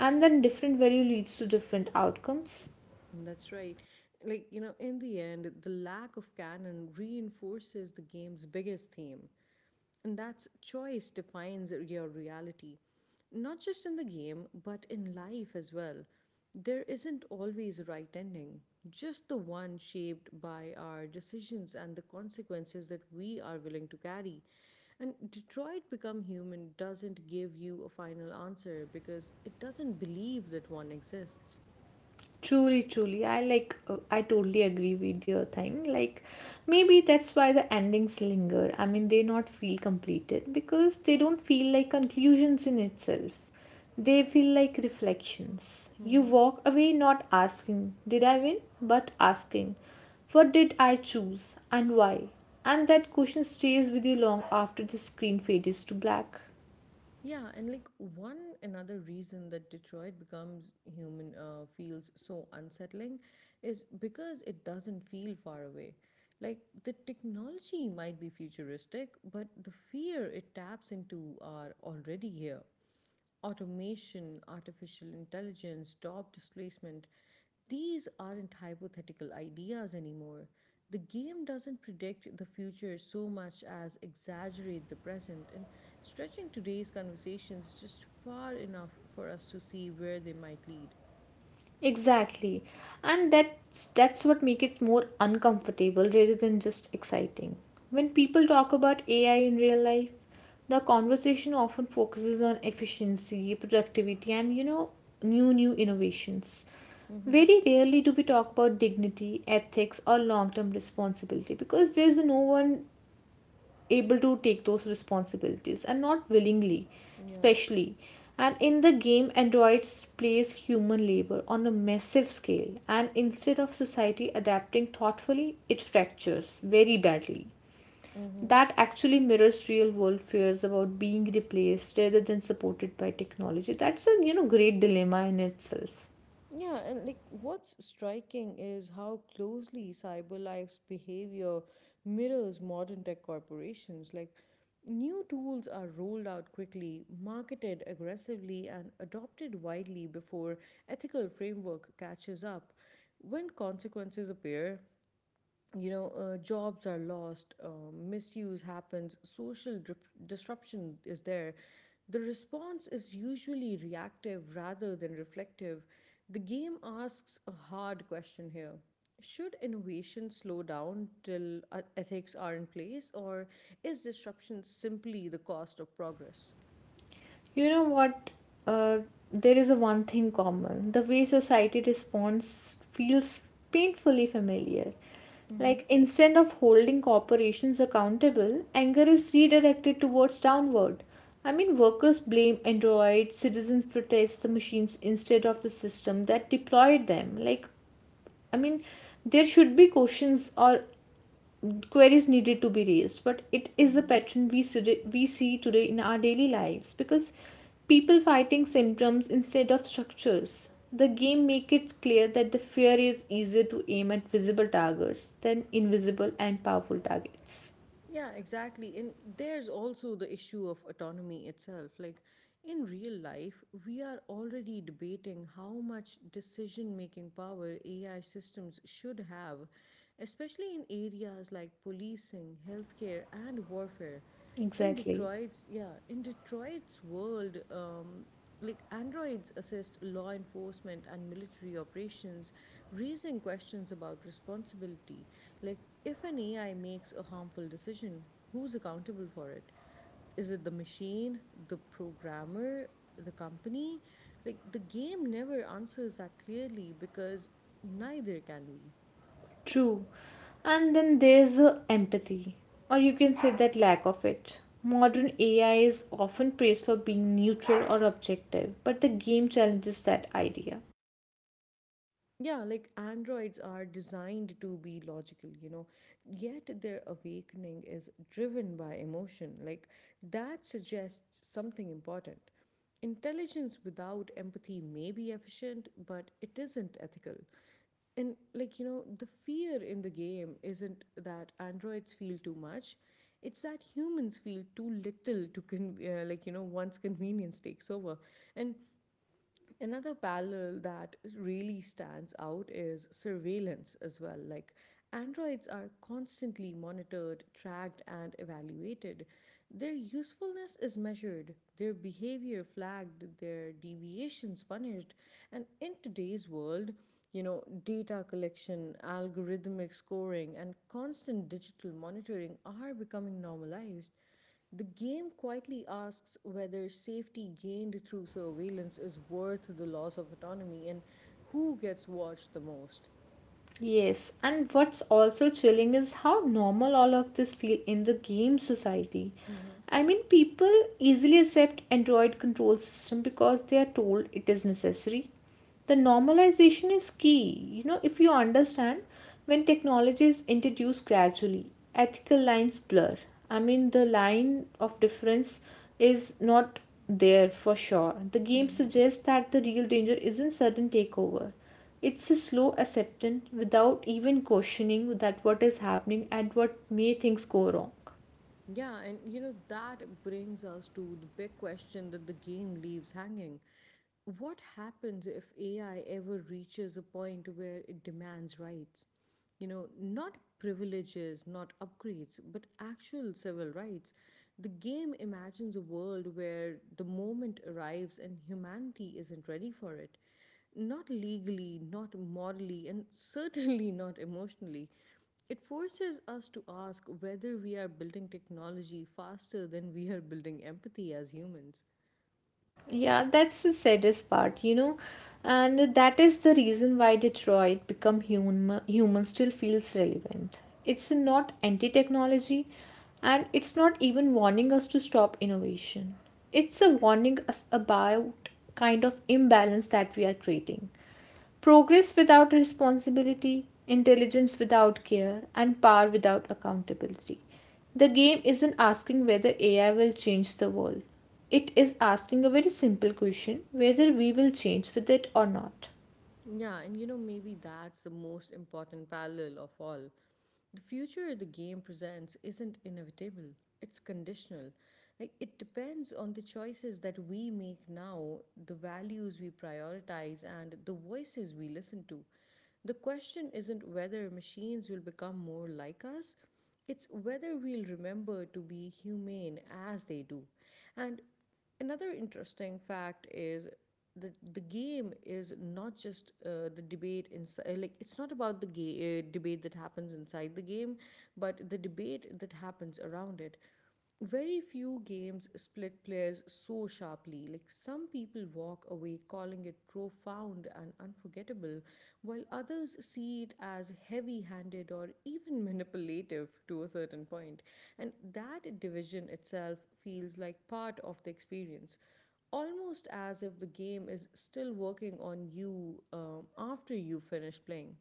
[SPEAKER 2] and then different value leads to different outcomes.
[SPEAKER 1] That's right. Like, you know, in the end, the lack of canon reinforces the game's biggest theme, and that's choice defines your reality. Not just in the game, but in life as well. There isn't always a right ending, just the one shaped by our decisions and the consequences that we are willing to carry. And Detroit Become Human doesn't give you a final answer because it doesn't believe that one exists.
[SPEAKER 2] Truly, truly, I like. uh, I totally agree with your thing. Like, maybe that's why the endings linger. I mean, they not feel completed because they don't feel like conclusions in itself. They feel like reflections. You
[SPEAKER 1] Mm-hmm.
[SPEAKER 2] walk away not asking, "Did I win?" but asking, "What did I choose, and why?" And that question stays with you long after the screen fades to black.
[SPEAKER 1] Yeah, and like one another reason that Detroit Becomes Human uh, feels so unsettling is because it doesn't feel far away. Like the technology might be futuristic, but the fear it taps into are already here. Automation, artificial intelligence, job displacement, these aren't hypothetical ideas anymore. The game doesn't predict the future so much as exaggerate the present, and stretching today's conversations just far enough for us to see where they might lead.
[SPEAKER 2] Exactly. And that's that's what makes it more uncomfortable rather than just exciting. When people talk about A I in real life, the conversation often focuses on efficiency, productivity, and you know new new innovations.
[SPEAKER 1] Mm-hmm.
[SPEAKER 2] Very rarely do we talk about dignity, ethics or long-term responsibility because there's no one able to take those responsibilities and not willingly,
[SPEAKER 1] Yeah.
[SPEAKER 2] especially. And in the game, androids place human labor on a massive scale, and instead of society adapting thoughtfully, it fractures very badly.
[SPEAKER 1] Mm-hmm.
[SPEAKER 2] That actually mirrors real world fears about being replaced rather than supported by technology. That's a you know great dilemma in itself.
[SPEAKER 1] Yeah, and like what's striking is how closely CyberLife's behavior mirrors modern tech corporations. Like, new tools are rolled out quickly, marketed aggressively, and adopted widely before ethical framework catches up. When consequences appear, you know uh, jobs are lost, uh, misuse happens, social dip- disruption is there. The response is usually reactive rather than reflective. The game asks a hard question here: should innovation slow down till uh, ethics are in place, or is disruption simply the cost of progress?
[SPEAKER 2] You know what? Uh, there is a one thing common. The way society responds feels painfully familiar.
[SPEAKER 1] Mm-hmm.
[SPEAKER 2] Like instead of holding corporations accountable, anger is redirected towards downward. I mean, workers blame Android, citizens protest the machines instead of the system that deployed them. Like, I mean, there should be questions or queries needed to be raised, but it is a pattern we see, we see today in our daily lives because people fighting symptoms instead of structures. The game make it clear that the fear is easier to aim at visible targets than invisible and powerful targets.
[SPEAKER 1] Yeah, exactly. And there's also the issue of autonomy itself. Like, in real life, we are already debating how much decision making power A I systems should have, especially in areas like policing, healthcare, and warfare. In
[SPEAKER 2] Exactly.
[SPEAKER 1] Detroit's, yeah, in Detroit's world, um, like androids assist law enforcement and military operations, raising questions about responsibility. Like, if an ai makes a harmful decision, who's accountable for it? Is it the machine, the programmer, the company? Like, the game never answers that clearly, because neither can we.
[SPEAKER 2] True. And then there's the empathy, or you can say that lack of it. Modern AI is often praised for being neutral or objective, but the game challenges that idea.
[SPEAKER 1] Yeah, like androids are designed to be logical, you know, yet their awakening is driven by emotion. Like, that suggests something important. Intelligence without empathy may be efficient, but it isn't ethical. And, like, you know, the fear in the game isn't that androids feel too much, it's that humans feel too little to, con- uh, like, you know, once convenience takes over. And another parallel that really stands out is surveillance as well. Like, androids are constantly monitored, tracked, and evaluated. Their usefulness is measured, their behavior flagged, their deviations punished. And in today's world, you know, data collection, algorithmic scoring, and constant digital monitoring are becoming normalized. The game quietly asks whether safety gained through surveillance is worth the loss of autonomy, and who gets watched the most.
[SPEAKER 2] Yes, and what's also chilling is how normal all of this feel in the game society.
[SPEAKER 1] Hmm.
[SPEAKER 2] I mean, people easily accept Android control system because they are told it is necessary. The normalization is key. You know, if you understand, when technology is introduced gradually, ethical lines blur. I mean, the line of difference is not there for sure. The game suggests that the real danger isn't sudden takeover, it's a slow acceptance without even questioning that what is happening and what may things go wrong.
[SPEAKER 1] Yeah, and you know, that brings us to the big question that the game leaves hanging. What happens if A I ever reaches a point where it demands rights? You know, not privileges, not upgrades, but actual civil rights. The game imagines a world where the moment arrives and humanity isn't ready for it. Not legally, not morally, and certainly not emotionally. It forces us to ask whether we are building technology faster than we are building empathy as humans.
[SPEAKER 2] Yeah, that's the saddest part, you know, and that is the reason why Detroit become human human still feels relevant. It's not anti-technology, and it's not even warning us to stop innovation. It's a warning us about kind of imbalance that we are creating. Progress without responsibility, intelligence without care, and power without accountability. The game isn't asking whether A I will change the world. It is asking a very simple question whether we will change with it or not.
[SPEAKER 1] Yeah, and you know, maybe that's the most important parallel of all. The future the game presents isn't inevitable, it's conditional. Like, it depends on the choices that we make now, the values we prioritize, and the voices we listen to. The question isn't whether machines will become more like us, it's whether we'll remember to be humane as they do. And another interesting fact is that the game is not just uh, the debate inside. Like, it's not about the ga- uh, debate that happens inside the game, but the debate that happens around it. Very few games split players so sharply. Like, some people walk away calling it it profound and unforgettable, while others see it as heavy handed or even manipulative to a certain point. And that division itself feels like part of the experience, almost as if the game is still working on you um, after you finish playing.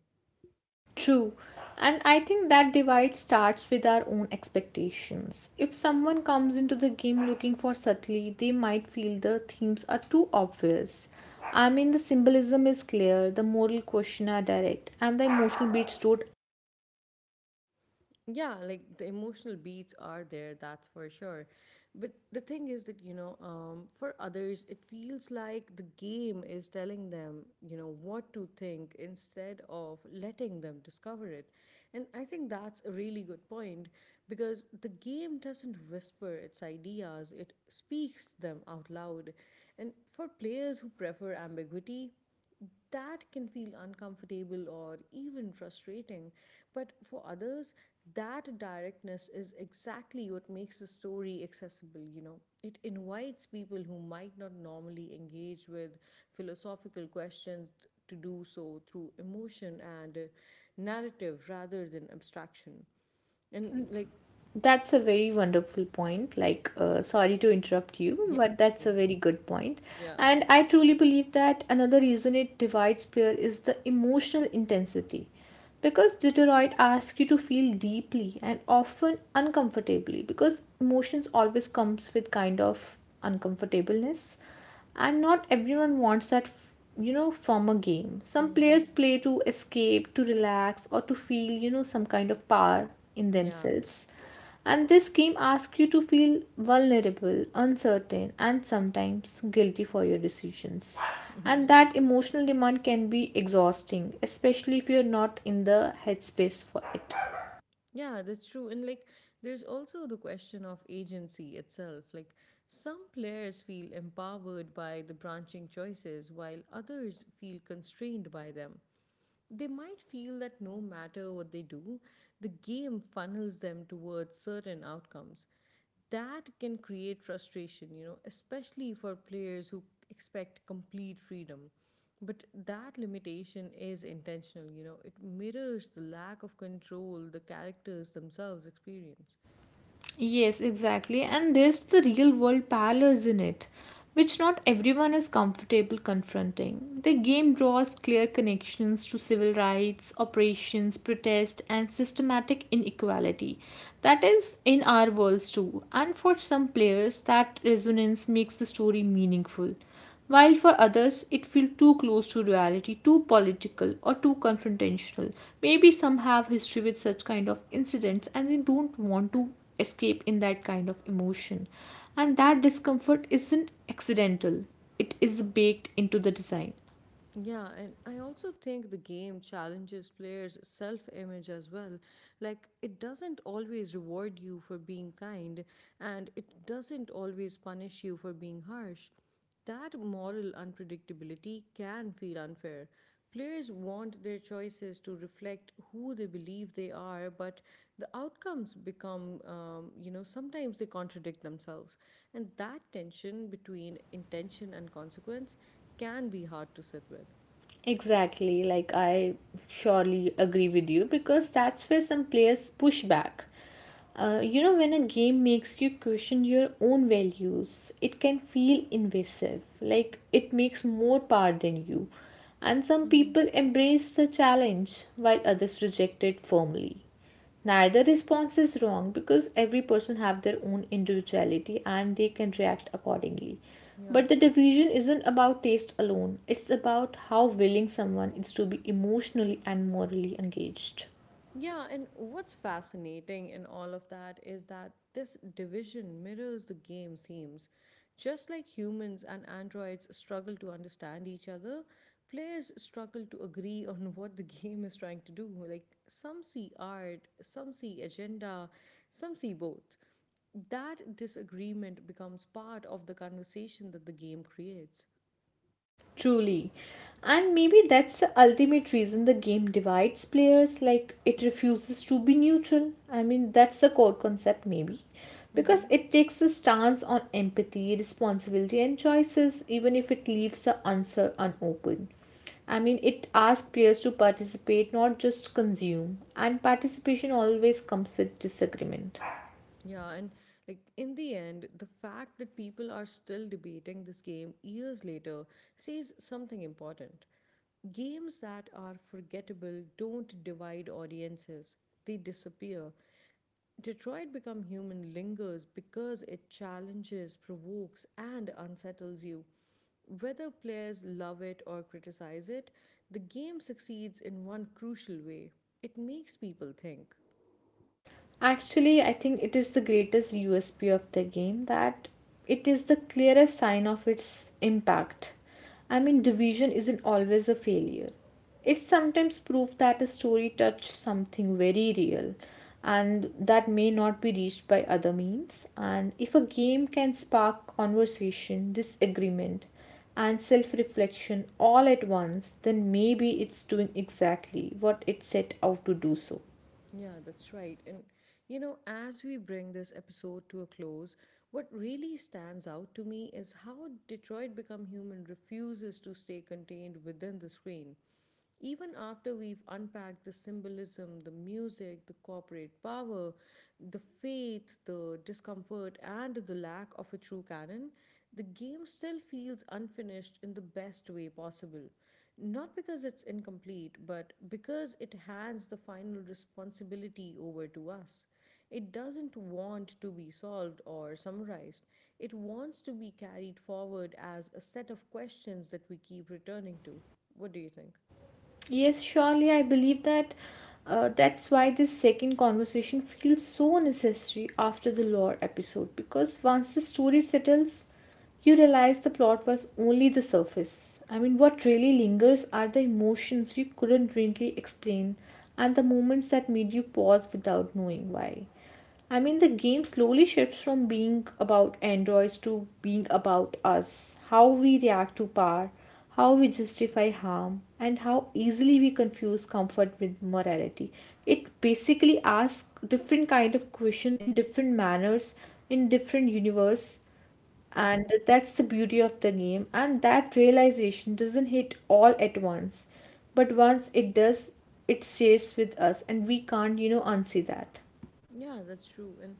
[SPEAKER 2] True. And I think that divide starts with our own expectations. If someone comes into the game looking for subtlety, they might feel the themes are too obvious. I mean, the symbolism is clear, the moral question are direct, and the emotional beats don't.
[SPEAKER 1] Yeah, like the emotional beats are there, that's for sure, but the thing is that you know, um, for others it feels like the game is telling them you know what to think instead of letting them discover it. And I think that's a really good point, because the game doesn't whisper its ideas, it speaks them out loud. And for players who prefer ambiguity, that can feel uncomfortable or even frustrating. But for others, that directness is exactly what makes the story accessible, you know. It invites people who might not normally engage with philosophical questions to do so through emotion and uh, narrative rather than abstraction. And, like,
[SPEAKER 2] That's a very wonderful point. Like, uh, sorry to interrupt you,
[SPEAKER 1] yeah.
[SPEAKER 2] but that's a very good point.
[SPEAKER 1] Yeah.
[SPEAKER 2] And I truly believe that another reason it divides player is the emotional intensity. Because Detroit asks you to feel deeply and often uncomfortably, because emotions always comes with kind of uncomfortableness, and not everyone wants that. You know from a game, some
[SPEAKER 1] Hmm.
[SPEAKER 2] players play to escape, to relax, or to feel, you know some kind of power in
[SPEAKER 1] Yeah.
[SPEAKER 2] themselves. And this game asks you to feel vulnerable, uncertain, and sometimes guilty for your decisions, and that emotional demand can be exhausting, especially if you're not in the headspace for it.
[SPEAKER 1] Yeah, that's true. And like, there's also the question of agency itself. Like, some players feel empowered by the branching choices, while others feel constrained by them. They might feel that no matter what they do, the game funnels them towards certain outcomes. That can create frustration, you know, especially for players who expect complete freedom. But that limitation is intentional, you know, it mirrors the lack of control the characters themselves experience.
[SPEAKER 2] Yes, exactly. And there's the real world parlors in it, which not everyone is comfortable confronting. The game draws clear connections to civil rights, operations, protest, and systematic inequality. That is in our worlds too. And for some players, that resonance makes the story meaningful, while for others it feels too close to reality, too political, or too confrontational. Maybe some have history with such kind of incidents and they don't want to escape in that kind of emotion. And that discomfort isn't accidental, it is baked into the design.
[SPEAKER 1] Yeah, and I also think the game challenges players' self image as well. Like, it doesn't always reward you for being kind, and it doesn't always punish you for being harsh. That moral unpredictability can feel unfair. Players want their choices to reflect who they believe they are, but the outcomes become, um, you know, sometimes they contradict themselves. And that tension between intention and consequence can be hard to sit with.
[SPEAKER 2] Exactly, like I surely agree with you because that's where some players push back. Uh, you know, when a game makes you question your own values, it can feel invasive, like it makes more power than you. And some
[SPEAKER 1] Mm-hmm.
[SPEAKER 2] people embrace the challenge while others reject it firmly. Neither response is wrong because every person have their own individuality and they can react accordingly.
[SPEAKER 1] Yeah.
[SPEAKER 2] But the division isn't about taste alone, it's about how willing someone is to be emotionally and morally engaged.
[SPEAKER 1] Yeah, and what's fascinating in all of that is that this division mirrors the game's themes. Just like humans and androids struggle to understand each other, players struggle to agree on what the game is trying to do. Like, some see art, some see agenda, some see both. That disagreement becomes part of the conversation that the game creates.
[SPEAKER 2] Truly. And maybe that's the ultimate reason the game divides players, like it refuses to be neutral. I mean, that's the core concept, maybe. Because it takes the stance on empathy, responsibility, and choices, even if it leaves the answer unopened. I mean, it asks players to participate, not just consume. And participation always comes with disagreement.
[SPEAKER 1] Yeah, and like in the end, the fact that people are still debating this game years later says something important. Games that are forgettable don't divide audiences, they disappear. Detroit Become Human lingers because it challenges, provokes, and unsettles you. Whether players love it or criticize it, the game succeeds in one crucial way: it makes people think.
[SPEAKER 2] Actually, I think it is the greatest U S P of the game, that it is the clearest sign of its impact. I mean, division isn't always a failure. It's sometimes proof that a story touched something very real and that may not be reached by other means. And if a game can spark conversation, disagreement, and self reflection all at once, then maybe it's doing exactly what it set out to do so.
[SPEAKER 1] Yeah, that's right. And you know, as we bring this episode to a close, what really stands out to me is how Detroit Become Human refuses to stay contained within the screen. Even after we've unpacked the symbolism, the music, the corporate power, the faith, the discomfort, and the lack of a true canon, the game still feels unfinished in the best way possible. Not because it's incomplete, but because it hands the final responsibility over to us. It doesn't want to be solved or summarized. It wants to be carried forward as a set of questions that we keep returning to. What do you
[SPEAKER 2] Yes, surely I believe that uh, that's why this second conversation feels so necessary after the lore episode, because once the story settles, you realize the plot was only the surface. I mean, what really lingers are the emotions you couldn't really explain and the moments that made you pause without knowing why. I mean, the game slowly shifts from being about androids to being about us, how we react to power, how we justify harm, and how easily we confuse comfort with morality. It basically asks different kind of question in different manners, in different universe, and
[SPEAKER 1] think?
[SPEAKER 2] that's the beauty of the game. And that realization doesn't hit all at once, but once it does, it stays with us, and we can't, you know, unsee that.
[SPEAKER 1] Yeah, that's true. And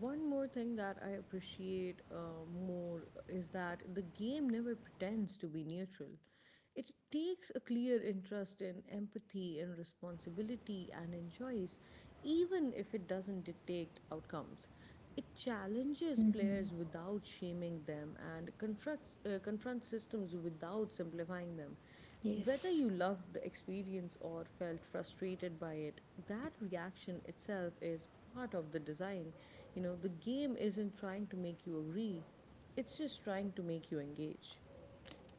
[SPEAKER 1] one more thing that I appreciate uh, more is that the game never pretends to be neutral. It takes a clear interest in empathy and responsibility and enjoys, even if it doesn't dictate outcomes. It challenges players without shaming them and confronts, uh, confronts systems without simplifying them. Whether
[SPEAKER 2] Yes.
[SPEAKER 1] you loved the experience or felt frustrated by it, that reaction itself is part of the design. You know, the game isn't trying to make you agree, it's just trying to make you engage.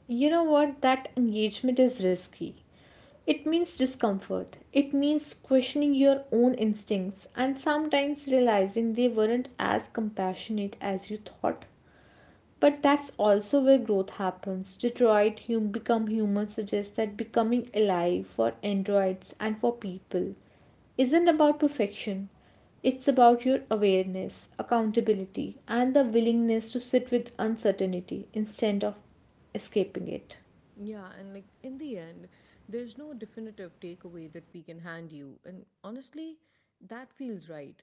[SPEAKER 2] You know what? That engagement is risky. It means discomfort. It means questioning your own instincts and sometimes realizing they weren't as compassionate as you thought. But that's also where growth happens. Detroit hum- Become Human suggests that becoming alive, for androids and for people, isn't about perfection. It's about your awareness, accountability, and the willingness to sit with uncertainty instead of escaping it.
[SPEAKER 1] Yeah, and like in the end, there's no definitive takeaway that we can hand you. And honestly, that feels right.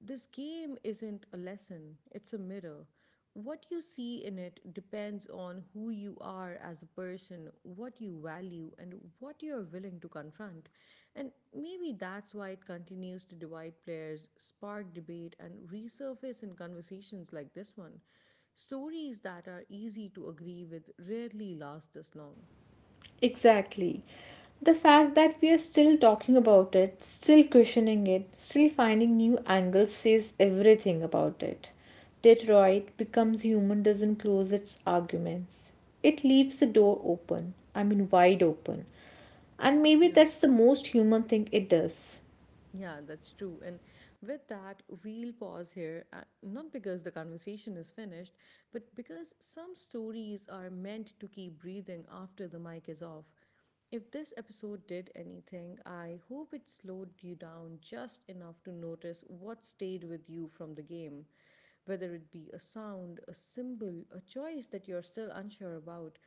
[SPEAKER 1] This game isn't a lesson, it's a mirror. What you see in it depends on who you are as a person, what you value, and what you're willing to confront. And maybe that's why it continues to divide players, spark debate, and resurface in conversations like this one. Stories that are easy to agree with rarely last this long.
[SPEAKER 2] Exactly. The fact that we are still talking about it, still questioning it, still finding new angles says everything about it. Detroit becomes human doesn't close its arguments. It leaves the door open, I mean wide open. And maybe
[SPEAKER 1] Yeah.
[SPEAKER 2] that's the most human thing it does.
[SPEAKER 1] Yeah, that's true. And with that, we'll pause here, uh, not because the conversation is finished, but because some stories are meant to keep breathing after the mic is off. If this episode did anything, I hope it slowed you down just enough to notice what stayed with you from the game. Whether it be a sound, a symbol, a choice that you're still unsure about,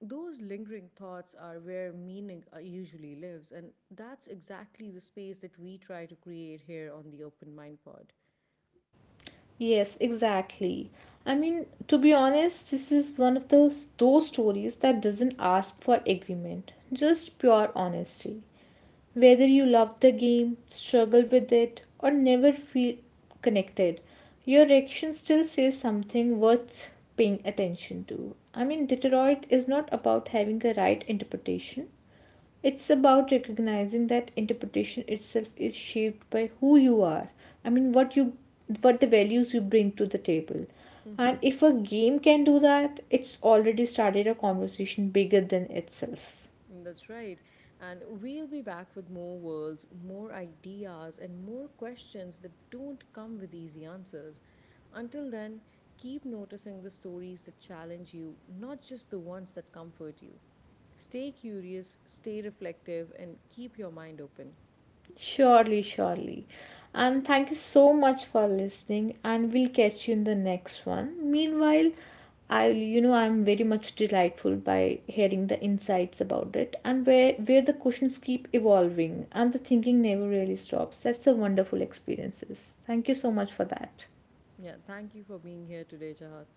[SPEAKER 1] those lingering thoughts are where meaning uh, usually lives, and that's exactly the space that we try to create here on the Open Mind Pod.
[SPEAKER 2] Yes, exactly. I mean, to be honest, this is one of those those stories that doesn't ask for agreement, just pure honesty. Whether you love the game, struggle with it, or never feel connected, your reaction still says something worth paying attention to. I mean, Detroit is not about having a right interpretation, it's about recognizing that interpretation itself is shaped by who you are. i mean what you what the values you bring to the table, and
[SPEAKER 1] Mm.
[SPEAKER 2] if a game can do that, it's already started a conversation bigger than itself.
[SPEAKER 1] That's right. And we'll be back with more worlds, more ideas, and more questions that don't come with easy answers. Until then, keep noticing the stories that challenge you, not just the ones that comfort you. Stay curious, stay reflective, and keep your mind open.
[SPEAKER 2] Surely, surely. And thank you so much for listening, and we'll catch you in the next one. Meanwhile, I, you know I'm very much delightful by hearing the insights about it, and where where the questions keep evolving and the thinking never really stops. That's a wonderful experiences. Thank you so much for that.
[SPEAKER 1] Yeah, thank you for being here today, Jahat.